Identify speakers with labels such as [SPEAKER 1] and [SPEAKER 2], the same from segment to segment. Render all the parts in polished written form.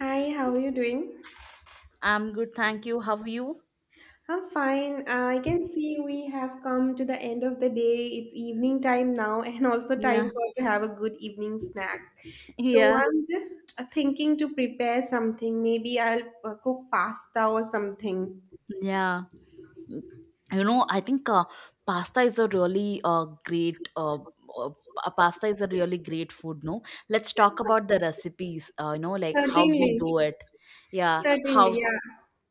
[SPEAKER 1] Hi, how are you doing?
[SPEAKER 2] I'm good, thank you. How are you?
[SPEAKER 1] I'm fine. I can see we have come to the end of the day. It's evening time now, and also time
[SPEAKER 2] Yeah,
[SPEAKER 1] for to have a good evening snack. So
[SPEAKER 2] yeah,
[SPEAKER 1] I'm just thinking to prepare something. Maybe I'll cook pasta or something.
[SPEAKER 2] Yeah, I think pasta is a really great pasta is a really great food, no? Let's talk about the recipes, like how we
[SPEAKER 1] Certainly,
[SPEAKER 2] do it. Yeah,
[SPEAKER 1] certainly,
[SPEAKER 2] how,
[SPEAKER 1] yeah.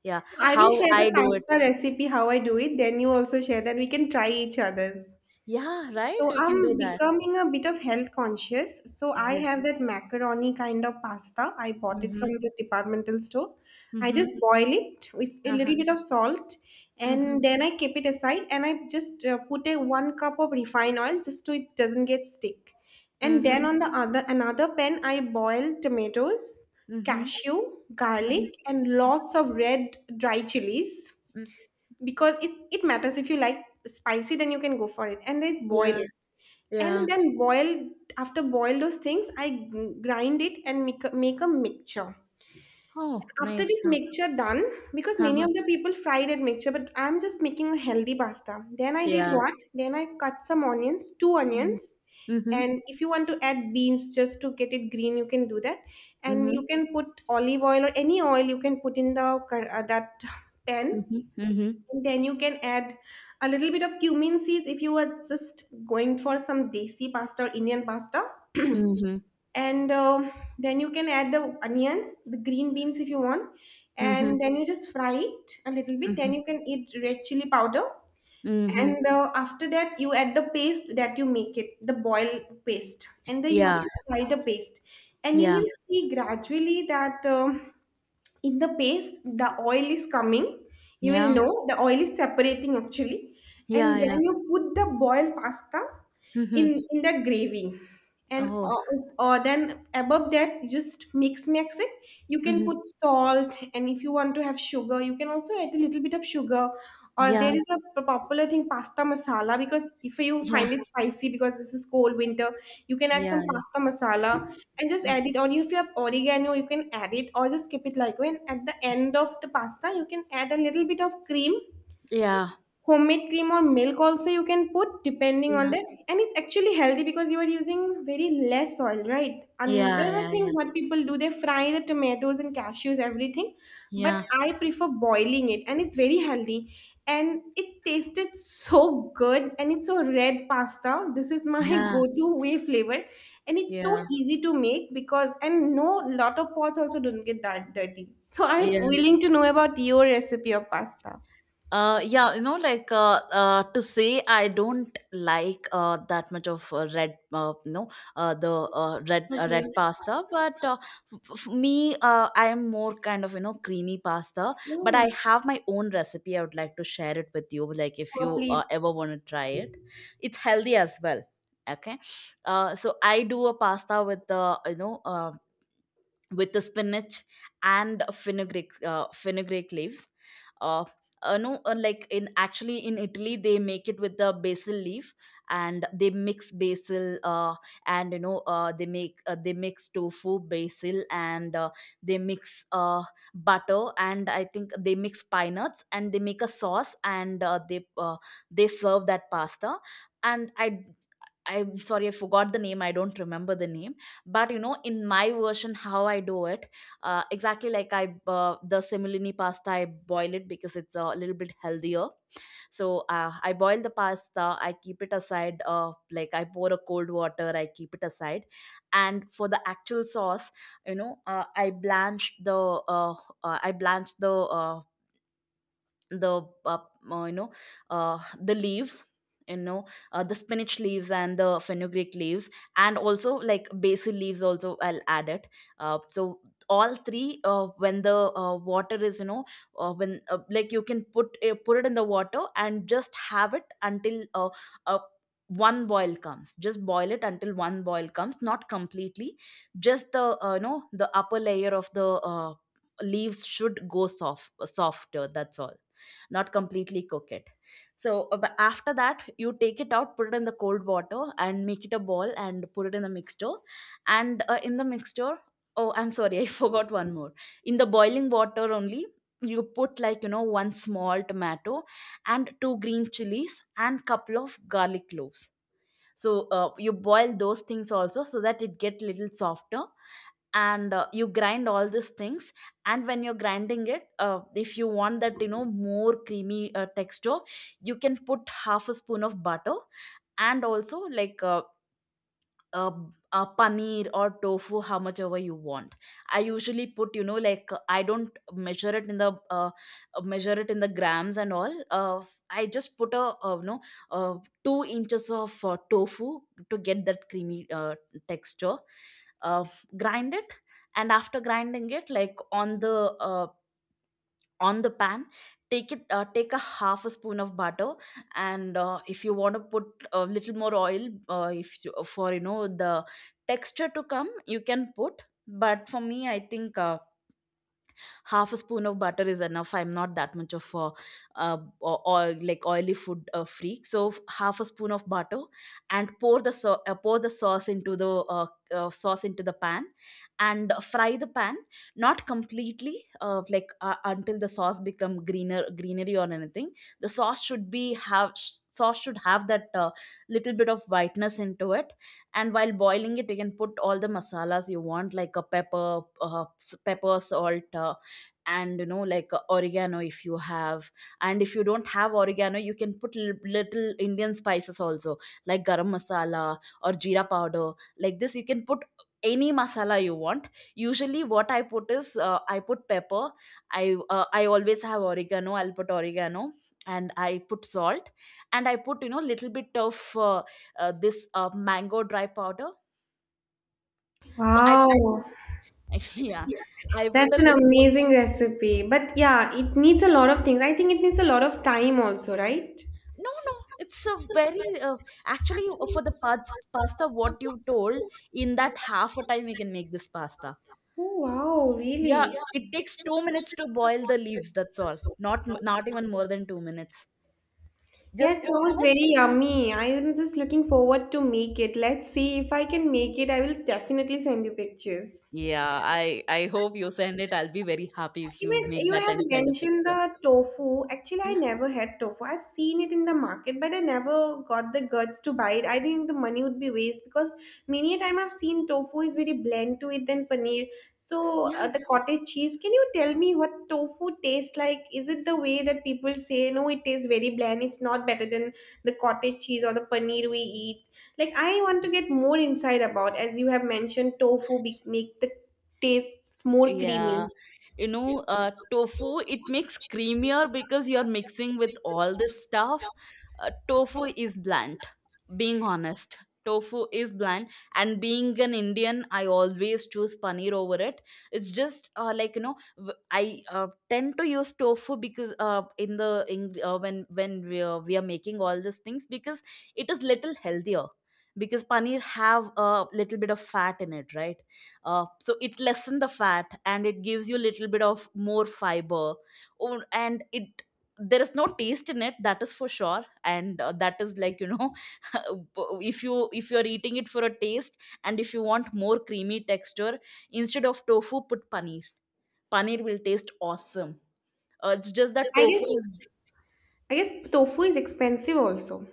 [SPEAKER 2] yeah,
[SPEAKER 1] So I will
[SPEAKER 2] how
[SPEAKER 1] share the
[SPEAKER 2] I do it.
[SPEAKER 1] pasta recipe how I do it. Then you also share that we can try each other's.
[SPEAKER 2] Yeah, right?
[SPEAKER 1] So
[SPEAKER 2] We can do
[SPEAKER 1] I'm
[SPEAKER 2] that.
[SPEAKER 1] becoming a bit of health conscious. So I
[SPEAKER 2] Yeah.
[SPEAKER 1] have that macaroni kind of pasta. I bought it from
[SPEAKER 2] Mm-hmm.
[SPEAKER 1] the departmental store. I
[SPEAKER 2] Mm-hmm.
[SPEAKER 1] just boil it with a little
[SPEAKER 2] Uh-huh.
[SPEAKER 1] bit of salt,
[SPEAKER 2] Mm-hmm.
[SPEAKER 1] and then I keep it aside, and I just put a one cup of refined oil just so it doesn't get stick. And then
[SPEAKER 2] Mm-hmm.
[SPEAKER 1] on the other another pan I boil tomatoes,
[SPEAKER 2] Mm-hmm.
[SPEAKER 1] cashew,
[SPEAKER 2] Mm.
[SPEAKER 1] garlic, and lots of red dry chilies because it matters. If you like spicy, then you can go for it, and then boil
[SPEAKER 2] Yeah,
[SPEAKER 1] it.
[SPEAKER 2] yeah.
[SPEAKER 1] And then boil, after boil those things, grind it and make a, make a mixture.
[SPEAKER 2] Oh,
[SPEAKER 1] After
[SPEAKER 2] nice.
[SPEAKER 1] this
[SPEAKER 2] Huh.
[SPEAKER 1] mixture done, because many
[SPEAKER 2] Uh-huh.
[SPEAKER 1] of the people fry that mixture, but I'm just making a healthy pasta. Then I did
[SPEAKER 2] Yeah.
[SPEAKER 1] what? Then I cut some onions, two
[SPEAKER 2] Mm-hmm.
[SPEAKER 1] onions. And if you want to add beans just to get it green, you can do that. And
[SPEAKER 2] Mm-hmm.
[SPEAKER 1] you can put olive oil or any oil you can put in that pan.
[SPEAKER 2] Mhm, mhm,
[SPEAKER 1] And then you can add a little bit of cumin seeds if you are just going for some desi pasta or Indian pasta,
[SPEAKER 2] mhm,
[SPEAKER 1] and then you can add the onions, the green beans if you want,
[SPEAKER 2] mhm,
[SPEAKER 1] and then you just fry it a little bit, then
[SPEAKER 2] mhm,
[SPEAKER 1] you can eat red chili powder.
[SPEAKER 2] mhm.
[SPEAKER 1] And after that you add the paste that you make it, the boiled paste, and then you have
[SPEAKER 2] Yeah,
[SPEAKER 1] to fry the paste, and you
[SPEAKER 2] yeah,
[SPEAKER 1] will see gradually that in the paste the oil is coming. You will
[SPEAKER 2] yeah,
[SPEAKER 1] know the oil is separating actually.
[SPEAKER 2] yeah,
[SPEAKER 1] And then
[SPEAKER 2] yeah.
[SPEAKER 1] you put the boiled pasta in
[SPEAKER 2] Mhm.
[SPEAKER 1] in that gravy, and
[SPEAKER 2] Oh,
[SPEAKER 1] then above that just mix it. You can
[SPEAKER 2] mhm.
[SPEAKER 1] put salt, and if you want to have sugar you can also add a little bit of sugar, or
[SPEAKER 2] Yeah,
[SPEAKER 1] there is a popular thing, pasta masala, because if you
[SPEAKER 2] yeah,
[SPEAKER 1] find it spicy because this is cold winter, you can add
[SPEAKER 2] yeah,
[SPEAKER 1] some
[SPEAKER 2] yeah,
[SPEAKER 1] pasta masala, and just
[SPEAKER 2] mm,
[SPEAKER 1] add it. Or if you have oregano, you can add it, or just skip it. Like when at the end of the pasta, you can add a little bit of cream,
[SPEAKER 2] yeah,
[SPEAKER 1] homemade cream or milk also you can put, depending on
[SPEAKER 2] yeah,
[SPEAKER 1] that. And it's actually healthy because you are using very less oil, right?
[SPEAKER 2] yeah,
[SPEAKER 1] Another
[SPEAKER 2] yeah,
[SPEAKER 1] thing
[SPEAKER 2] yeah,
[SPEAKER 1] what people do, they fry the tomatoes and cashews everything, but
[SPEAKER 2] yeah,
[SPEAKER 1] I prefer boiling it, and it's very healthy, and it tasted so good, and it's a red pasta. This is my
[SPEAKER 2] yeah,
[SPEAKER 1] go-to way flavor, and it's so
[SPEAKER 2] yeah,
[SPEAKER 1] easy to make because, and no, lot of pots also don't get that dirty. So I'm
[SPEAKER 2] yeah.
[SPEAKER 1] willing to know about your recipe of pasta.
[SPEAKER 2] Yeah, like to say I don't like that much of red, the
[SPEAKER 1] Okay.
[SPEAKER 2] red pasta. But me, I am more kind of creamy pasta. But
[SPEAKER 1] Oh.
[SPEAKER 2] I have my own recipe. I would like to share it with you. Like if
[SPEAKER 1] Oh,
[SPEAKER 2] you
[SPEAKER 1] please.
[SPEAKER 2] ever want to try it, it's healthy as well. Okay, so I do a pasta with the spinach and fenugreek fenugreek leaves. Uh, no Like in actually in Italy they make it with the basil leaf, and they mix basil, and you know they mix tofu, basil and they mix butter, and I think they mix pine nuts and they make a sauce, and they serve that pasta. And I I'm sorry, I forgot the name. I don't remember the name. But in my version, how I do it, exactly, like I the semolini pasta, I boil it because it's a little bit healthier. So I boil the pasta. I keep it aside. Like I pour a cold water. I keep it aside. And for the actual sauce, you know, uh, I blanch the uh, I blanch the you know the leaves, you know the spinach leaves and the fenugreek leaves, and also like basil leaves also I'll add it. So all three, when the water is you know when like you can put it in the water and just have it until uh, one boil comes. Just boil it until one boil comes, not completely. Just the the upper layer of the uh, leaves should go softer, that's all. Not completely cook it. So but after that you take it out, put it in the cold water and make it a ball and put it in the mixture. and uh, in the mixture oh, I'm sorry, I forgot one more. In the boiling water only you put, like one small tomato and two green chilies and couple of garlic cloves. So you boil those things also, so that it get little softer. And you grind all these things. And when you're grinding it, if you want that more creamy texture, you can put half a spoon of butter. And also like uh, paneer or tofu, how much ever you want. I usually put, I don't measure it in the grams and all. I just put a, uh, 2 inches of tofu, to get that creamy texture. uh, Grind it. And after grinding it, like, uh, on the pan, take a half a spoon of butter. And if you want to put a little more oil, if you, for you know the texture to come, you can put. But for me I think half a spoon of butter is enough. I'm not that much of a oil, like oily food freak. So half a spoon of butter, and pour the, pour the sauce uh, into the pan. And fry the pan, not completely, until the sauce become greenery or anything. The sauce should have that little bit of whiteness into it. And while boiling it, you can put all the masalas you want, like a pepper, pepper, salt, and oregano if you have. And if you don't have oregano, you can put little Indian spices also, like garam masala or jeera powder. Like this you can put any masala you want. Usually what I put is, I put pepper. I always have oregano, I'll put oregano. And I put salt. And I put, little bit of uh, this mango dry powder. So I put,
[SPEAKER 1] Wow,
[SPEAKER 2] yeah, I put
[SPEAKER 1] that's
[SPEAKER 2] a
[SPEAKER 1] an
[SPEAKER 2] little bit of.
[SPEAKER 1] amazing recipe. But yeah, it needs a lot of things. I think it needs a lot of time also, right?
[SPEAKER 2] No, no, it's a very actually for the pasta what you told, in that half a time you can make this pasta.
[SPEAKER 1] Oh, wow. Yeah,
[SPEAKER 2] Yeah,
[SPEAKER 1] really?
[SPEAKER 2] it takes 2 minutes to boil the leaves, that's all. Not not even more than 2 minutes.
[SPEAKER 1] Yeah,
[SPEAKER 2] Just
[SPEAKER 1] it
[SPEAKER 2] 2
[SPEAKER 1] sounds
[SPEAKER 2] minutes?
[SPEAKER 1] very yummy. I am just looking forward to make it. Let's see if I can make it. I will definitely send you pictures.
[SPEAKER 2] Yeah, I hope you send it. I'll be very happy if you
[SPEAKER 1] Even
[SPEAKER 2] make
[SPEAKER 1] you
[SPEAKER 2] that
[SPEAKER 1] had
[SPEAKER 2] and send a
[SPEAKER 1] mentioned
[SPEAKER 2] picture.
[SPEAKER 1] the tofu. Actually, I
[SPEAKER 2] Yeah.
[SPEAKER 1] never had tofu. I've seen it in the market, but I never got the guts to buy it. I think the money would be waste because many a time I've seen tofu is very bland to it than paneer. So
[SPEAKER 2] Yeah.
[SPEAKER 1] the cottage cheese. Can you tell me what tofu tastes like? Is it the way that people say no? It tastes very bland. It's not better than the cottage cheese or the paneer we eat. Like I want to get more insight about, as you have mentioned tofu make the taste more creamy.
[SPEAKER 2] Yeah, tofu, it makes creamier because you're mixing with all this stuff. Tofu is bland, being honest. Tofu is bland, and being an Indian, I always choose paneer over it. It's just I tend to use tofu because when we are making all these things, because it is little healthier, because paneer have a little bit of fat in it, right? So it lessen the fat, and it gives you a little bit of more fiber. Oh, and it there is no taste in it, that is for sure. And that is like, if you're eating it for a taste, and if you want more creamy texture, instead of tofu put paneer. Paneer will taste awesome. It's just that
[SPEAKER 1] I
[SPEAKER 2] tofu
[SPEAKER 1] guess
[SPEAKER 2] is.
[SPEAKER 1] I guess tofu is expensive also.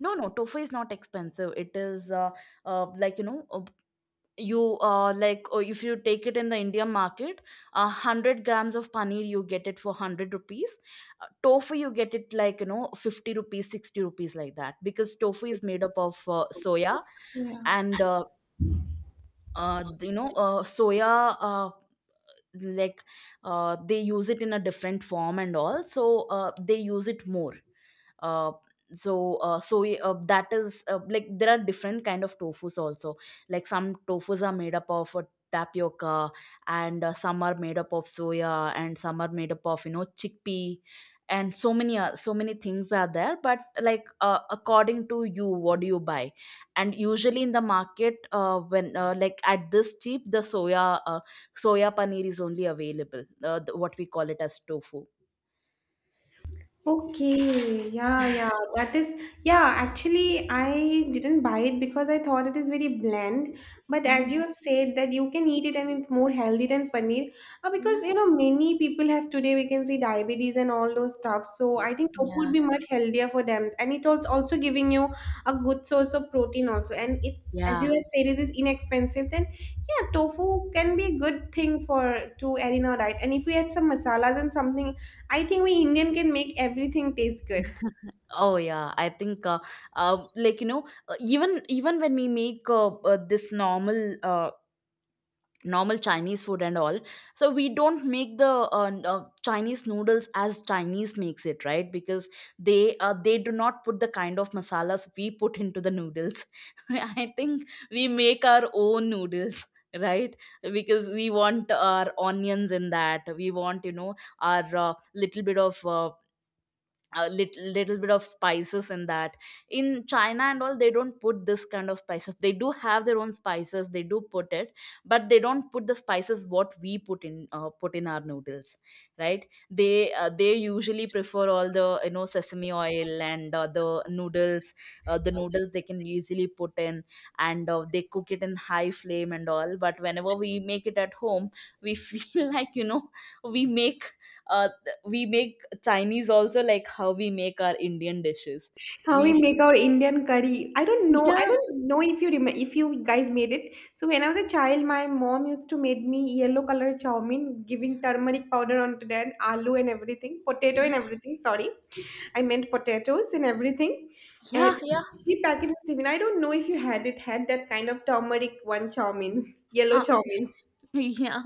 [SPEAKER 2] No, no, tofu is not expensive. It is uh, like you know uh, you like, or if you take it in the India market, 100 grams of paneer you get it for 100 rupees. Tofu you get it like 50 rupees, 60 rupees, like that, because tofu is made up of soya.
[SPEAKER 1] Yeah.
[SPEAKER 2] And soya, like they use it in a different form and all. So they use it more. Uh, so so that is Like, there are different kind of tofus also. Like some tofus are made up of tapioca, and some are made up of soya, and some are made up of, chickpea. And so many things are there. But like, according to you, what do you buy. And usually in the market, when like at this cheap, the soya paneer is only available, what we call it as tofu.
[SPEAKER 1] Okay, yeah, yeah, that is, yeah, actually, I didn't buy it because I thought it is very bland. But as
[SPEAKER 2] Mm.
[SPEAKER 1] you have said, that you can eat it, and it's more healthy than paneer.
[SPEAKER 2] Yeah.
[SPEAKER 1] Because, you know, many people have today, we can see diabetes and all those stuff. So I think tofu would
[SPEAKER 2] Yeah,
[SPEAKER 1] be much healthier for them. And it's also, also giving you a good source of protein, also. And it's, as
[SPEAKER 2] yeah.
[SPEAKER 1] you have said, it is inexpensive. Then, yeah, tofu can be a good thing for to add in our diet. And if we add some masalas and something, I think we Indian can make everything taste good.
[SPEAKER 2] Oh yeah, I think, even when we make this normal Chinese food and all. So we don't make the Chinese noodles as Chinese makes it, right, because they do not put the kind of masalas we put into the noodles. I think we make our own noodles. Right? Because we want our onions in that. We want, our little bit of, a little bit of spices in that. In China and all, they don't put this kind of spices. They do have their own spices, they do put it. But they don't put the spices what we put in our noodles, right? They usually prefer all the, sesame oil, and the noodles they can easily put in. And they cook it in high flame and all. But whenever we make it at home, we feel like, we make we make Chinese also like how we make our Indian dishes.
[SPEAKER 1] How we
[SPEAKER 2] We
[SPEAKER 1] make our Indian curry. I don't know. I
[SPEAKER 2] yeah,
[SPEAKER 1] don't know if you remember if you guys made it. So when I was a child, my mom used to make me yellow color chow mein, giving turmeric powder onto that, aloo and everything, potato and
[SPEAKER 2] yeah,
[SPEAKER 1] everything. Sorry, I meant potatoes and everything.
[SPEAKER 2] yeah,
[SPEAKER 1] And
[SPEAKER 2] yeah,
[SPEAKER 1] she packaged it. Even I don't know if you had it. Had that kind of turmeric one chow mein, yellow
[SPEAKER 2] uh,
[SPEAKER 1] chow mein.
[SPEAKER 2] yeah,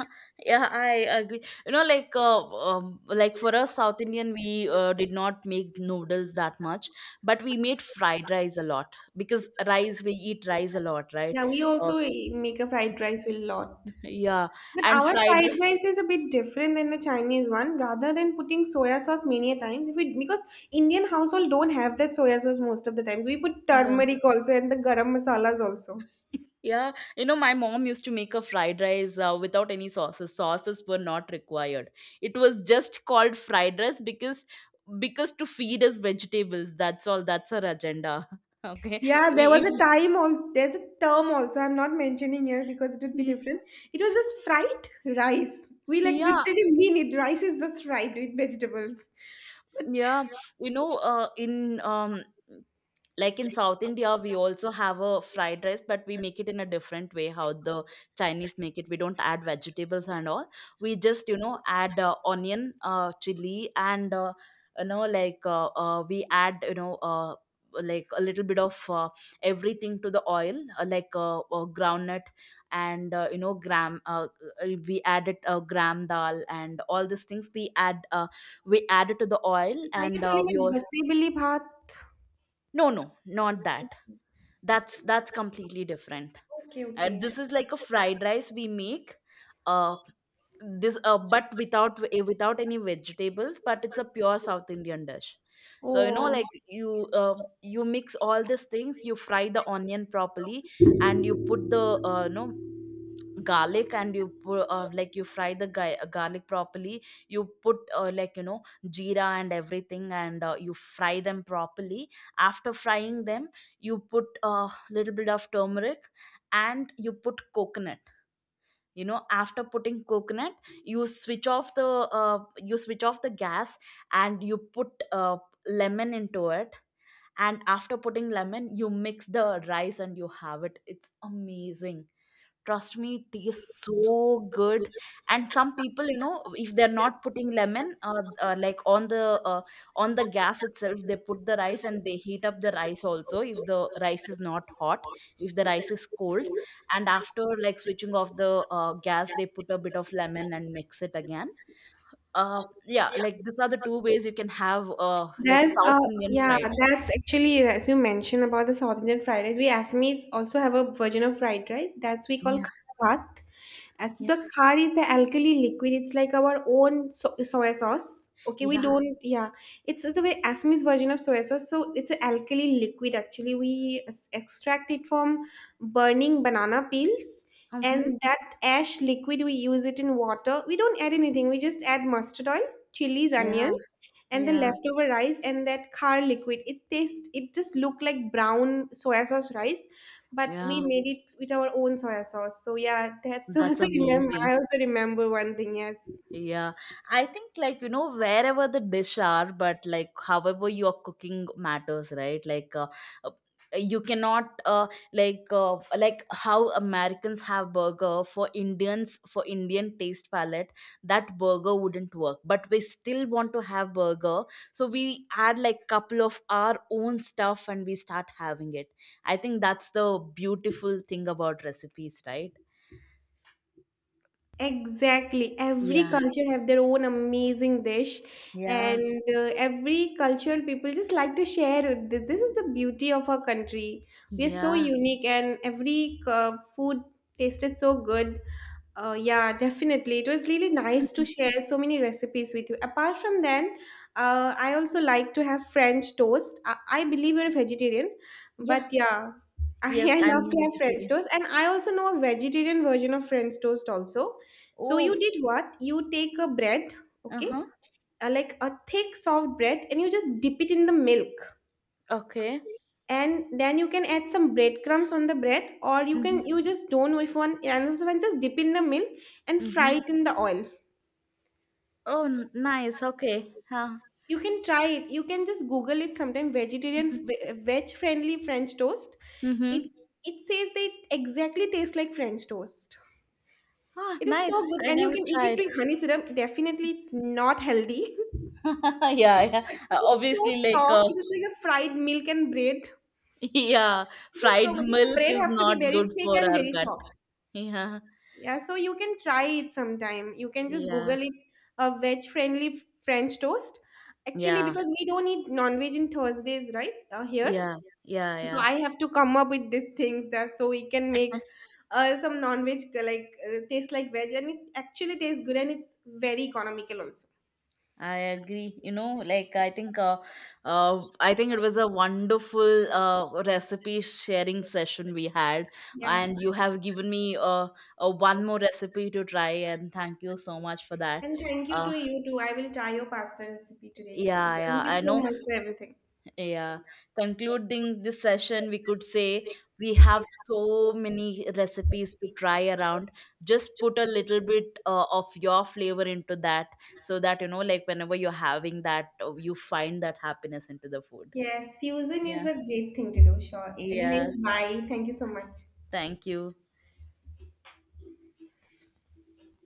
[SPEAKER 2] yeah, I agree. Like, like for us South Indian, we did not make noodles that much, but we made fried rice a lot, because rice, we eat rice a lot, right?
[SPEAKER 1] Yeah, we
[SPEAKER 2] Uh,
[SPEAKER 1] also eh, make a fried rice with lot.
[SPEAKER 2] yeah,
[SPEAKER 1] But
[SPEAKER 2] and
[SPEAKER 1] our
[SPEAKER 2] fried
[SPEAKER 1] fried
[SPEAKER 2] ri-
[SPEAKER 1] rice is a bit different than the Chinese one. Rather than putting soya sauce many a times, if we, because Indian household don't have that soya sauce most of the times. We put
[SPEAKER 2] yeah.
[SPEAKER 1] turmeric also and the garam masalas also.
[SPEAKER 2] Yeah, my mom used to make a fried rice without any sauces. Sauces were not required. It was just called fried rice, because to feed us vegetables. That's all. That's her agenda. Okay.
[SPEAKER 1] Yeah, there was a
[SPEAKER 2] If
[SPEAKER 1] time there's a term also I'm not mentioning here because it would be different. It was just fried rice. We like
[SPEAKER 2] Yeah,
[SPEAKER 1] literally mean it. Rice is just fried with vegetables. But
[SPEAKER 2] yeah, in Like in South India we also have a fried rice, but we make it in a different way how the Chinese make it. We don't add vegetables and all. We just add onion, chili and we add, like a little bit of everything to the oil, groundnut and gram, we added gram dal and all these things we add. We add it to the oil
[SPEAKER 1] are you
[SPEAKER 2] and
[SPEAKER 1] telling
[SPEAKER 2] we
[SPEAKER 1] me
[SPEAKER 2] all—
[SPEAKER 1] basibili bhat?
[SPEAKER 2] no, no, not that. That's completely different.
[SPEAKER 1] Okay, okay.
[SPEAKER 2] This is like a fried rice we make, uh this but without, without any vegetables, but it's a pure South Indian dish. So
[SPEAKER 1] Oh.
[SPEAKER 2] you you mix all these things, you fry the onion properly, and you put the garlic, and you put you fry the garlic properly. You put jeera and everything, and you fry them properly. After frying them you put a little bit of turmeric and you put coconut. You know, after putting coconut you switch off the you switch off the gas, and you put lemon into it, and after putting lemon you mix the rice and you have it. It's amazing. Trust me, it tastes so good. And some people, you know, if they're not putting lemon, like on the gas itself, they put the rice and they heat up the rice also. If the rice is not hot, if the rice is cold, and after like switching off the gas, they put a bit of lemon and mix it again. Yeah, like these are the two ways you can have like
[SPEAKER 1] There's
[SPEAKER 2] South Indian
[SPEAKER 1] yeah,
[SPEAKER 2] fried rice.
[SPEAKER 1] that's actually, as you mentioned about the South Indian fried rice. We Assamese also have a version of fried rice that's we call
[SPEAKER 2] Yeah,
[SPEAKER 1] kharat. As to
[SPEAKER 2] yeah,
[SPEAKER 1] the khar is the alkali liquid. It's like our own so soy sauce. Okay, we
[SPEAKER 2] yeah.
[SPEAKER 1] don't, yeah. It's a way Assamese version of soy sauce. So it's an alkali liquid. Actually, extract it from burning banana peels.
[SPEAKER 2] Mm-hmm.
[SPEAKER 1] And that ash liquid, we use it in water. We don't add anything. We just add mustard oil, chilies,
[SPEAKER 2] Yeah,
[SPEAKER 1] onions, and the
[SPEAKER 2] yeah,
[SPEAKER 1] leftover rice and that khar liquid. It tastes, it just looked like brown soya sauce rice, but we
[SPEAKER 2] yeah.
[SPEAKER 1] made it with our own soya sauce. So yeah, that's
[SPEAKER 2] That's
[SPEAKER 1] also remember, I
[SPEAKER 2] amazing.
[SPEAKER 1] also remember one thing, yes.
[SPEAKER 2] Yeah, I think, wherever the dish are, but like however you are cooking matters, right? Uh, you cannot, like how Americans have burger, for Indians, for Indian taste palette that burger wouldn't work, but we still want to have burger, so we add like couple of our own stuff and we start having it. I think that's the beautiful thing about recipes, right?
[SPEAKER 1] Exactly. Every
[SPEAKER 2] Yeah,
[SPEAKER 1] culture have their own amazing dish,
[SPEAKER 2] yeah.
[SPEAKER 1] and every culture people just like to share. With This is the beauty of our country. We are so
[SPEAKER 2] Yeah.
[SPEAKER 1] unique, and every food tasted so good. Yeah, definitely. It was really nice to share so many recipes with you. Apart from then, I also like to have French toast. I believe you're a vegetarian, but
[SPEAKER 2] Yeah.
[SPEAKER 1] yeah, I,
[SPEAKER 2] Yes,
[SPEAKER 1] I
[SPEAKER 2] I'm
[SPEAKER 1] love to
[SPEAKER 2] a
[SPEAKER 1] have French
[SPEAKER 2] vegetarian.
[SPEAKER 1] toast. And I also know a vegetarian version of French toast also. So
[SPEAKER 2] Oh,
[SPEAKER 1] you did what? You take a bread, okay,
[SPEAKER 2] uh-huh.
[SPEAKER 1] like a thick, soft bread, and you just dip it in the milk.
[SPEAKER 2] Okay.
[SPEAKER 1] And then you can add some breadcrumbs on the bread, or you
[SPEAKER 2] Mm-hmm.
[SPEAKER 1] can, you just don't know if one and also one just dip in the milk and fry
[SPEAKER 2] Mm-hmm.
[SPEAKER 1] it in the oil.
[SPEAKER 2] Oh, nice. Okay. Huh.
[SPEAKER 1] You can try it, you can just google it sometime, vegetarian
[SPEAKER 2] Mm-hmm.
[SPEAKER 1] veg friendly french toast. it
[SPEAKER 2] Mm-hmm.
[SPEAKER 1] it says, they exactly tastes like french toast.
[SPEAKER 2] Ah,
[SPEAKER 1] It is so
[SPEAKER 2] nice.
[SPEAKER 1] good,
[SPEAKER 2] I
[SPEAKER 1] and you
[SPEAKER 2] never
[SPEAKER 1] can eat it
[SPEAKER 2] tried.
[SPEAKER 1] with honey syrup. Definitely it's not healthy.
[SPEAKER 2] Yeah, yeah.
[SPEAKER 1] But it is so
[SPEAKER 2] Obviously,
[SPEAKER 1] soft. It is like a fried milk and bread.
[SPEAKER 2] yeah,
[SPEAKER 1] It is so
[SPEAKER 2] fried
[SPEAKER 1] good. The
[SPEAKER 2] milk
[SPEAKER 1] bread
[SPEAKER 2] is
[SPEAKER 1] have to be
[SPEAKER 2] not
[SPEAKER 1] very
[SPEAKER 2] good
[SPEAKER 1] thick
[SPEAKER 2] for
[SPEAKER 1] and
[SPEAKER 2] our
[SPEAKER 1] very
[SPEAKER 2] gut.
[SPEAKER 1] soft.
[SPEAKER 2] Yeah,
[SPEAKER 1] Yeah, so you can try it sometime. You can just
[SPEAKER 2] yeah,
[SPEAKER 1] Google it, a veg friendly French toast. Actually,
[SPEAKER 2] yeah,
[SPEAKER 1] because we don't eat non veg in Thursdays, right? Here.
[SPEAKER 2] yeah, yeah,
[SPEAKER 1] So
[SPEAKER 2] yeah.
[SPEAKER 1] I have to come up with these things that, so we can make some non veg like taste like veg, and it actually tastes good, and it's very economical also.
[SPEAKER 2] I agree. You know, I think it was a wonderful recipe sharing session we had,
[SPEAKER 1] Yes.
[SPEAKER 2] and you have given me a one more recipe to try, and thank you so much for that.
[SPEAKER 1] And thank you
[SPEAKER 2] Uh,
[SPEAKER 1] to you too. I will try your pasta recipe today evening.
[SPEAKER 2] yeah,
[SPEAKER 1] Thank
[SPEAKER 2] yeah,
[SPEAKER 1] you
[SPEAKER 2] I
[SPEAKER 1] so
[SPEAKER 2] know.
[SPEAKER 1] much for everything.
[SPEAKER 2] Yeah. Concluding this session, we could say we have so many recipes to try around. Just put a little bit of your flavor into that, so that, you know, like whenever you're having that, you find that happiness into the food.
[SPEAKER 1] Yes, fusion is
[SPEAKER 2] Yeah.
[SPEAKER 1] a great thing to do, sure.
[SPEAKER 2] Yeah.
[SPEAKER 1] Anyways, bye. Thank you so much.
[SPEAKER 2] Thank you.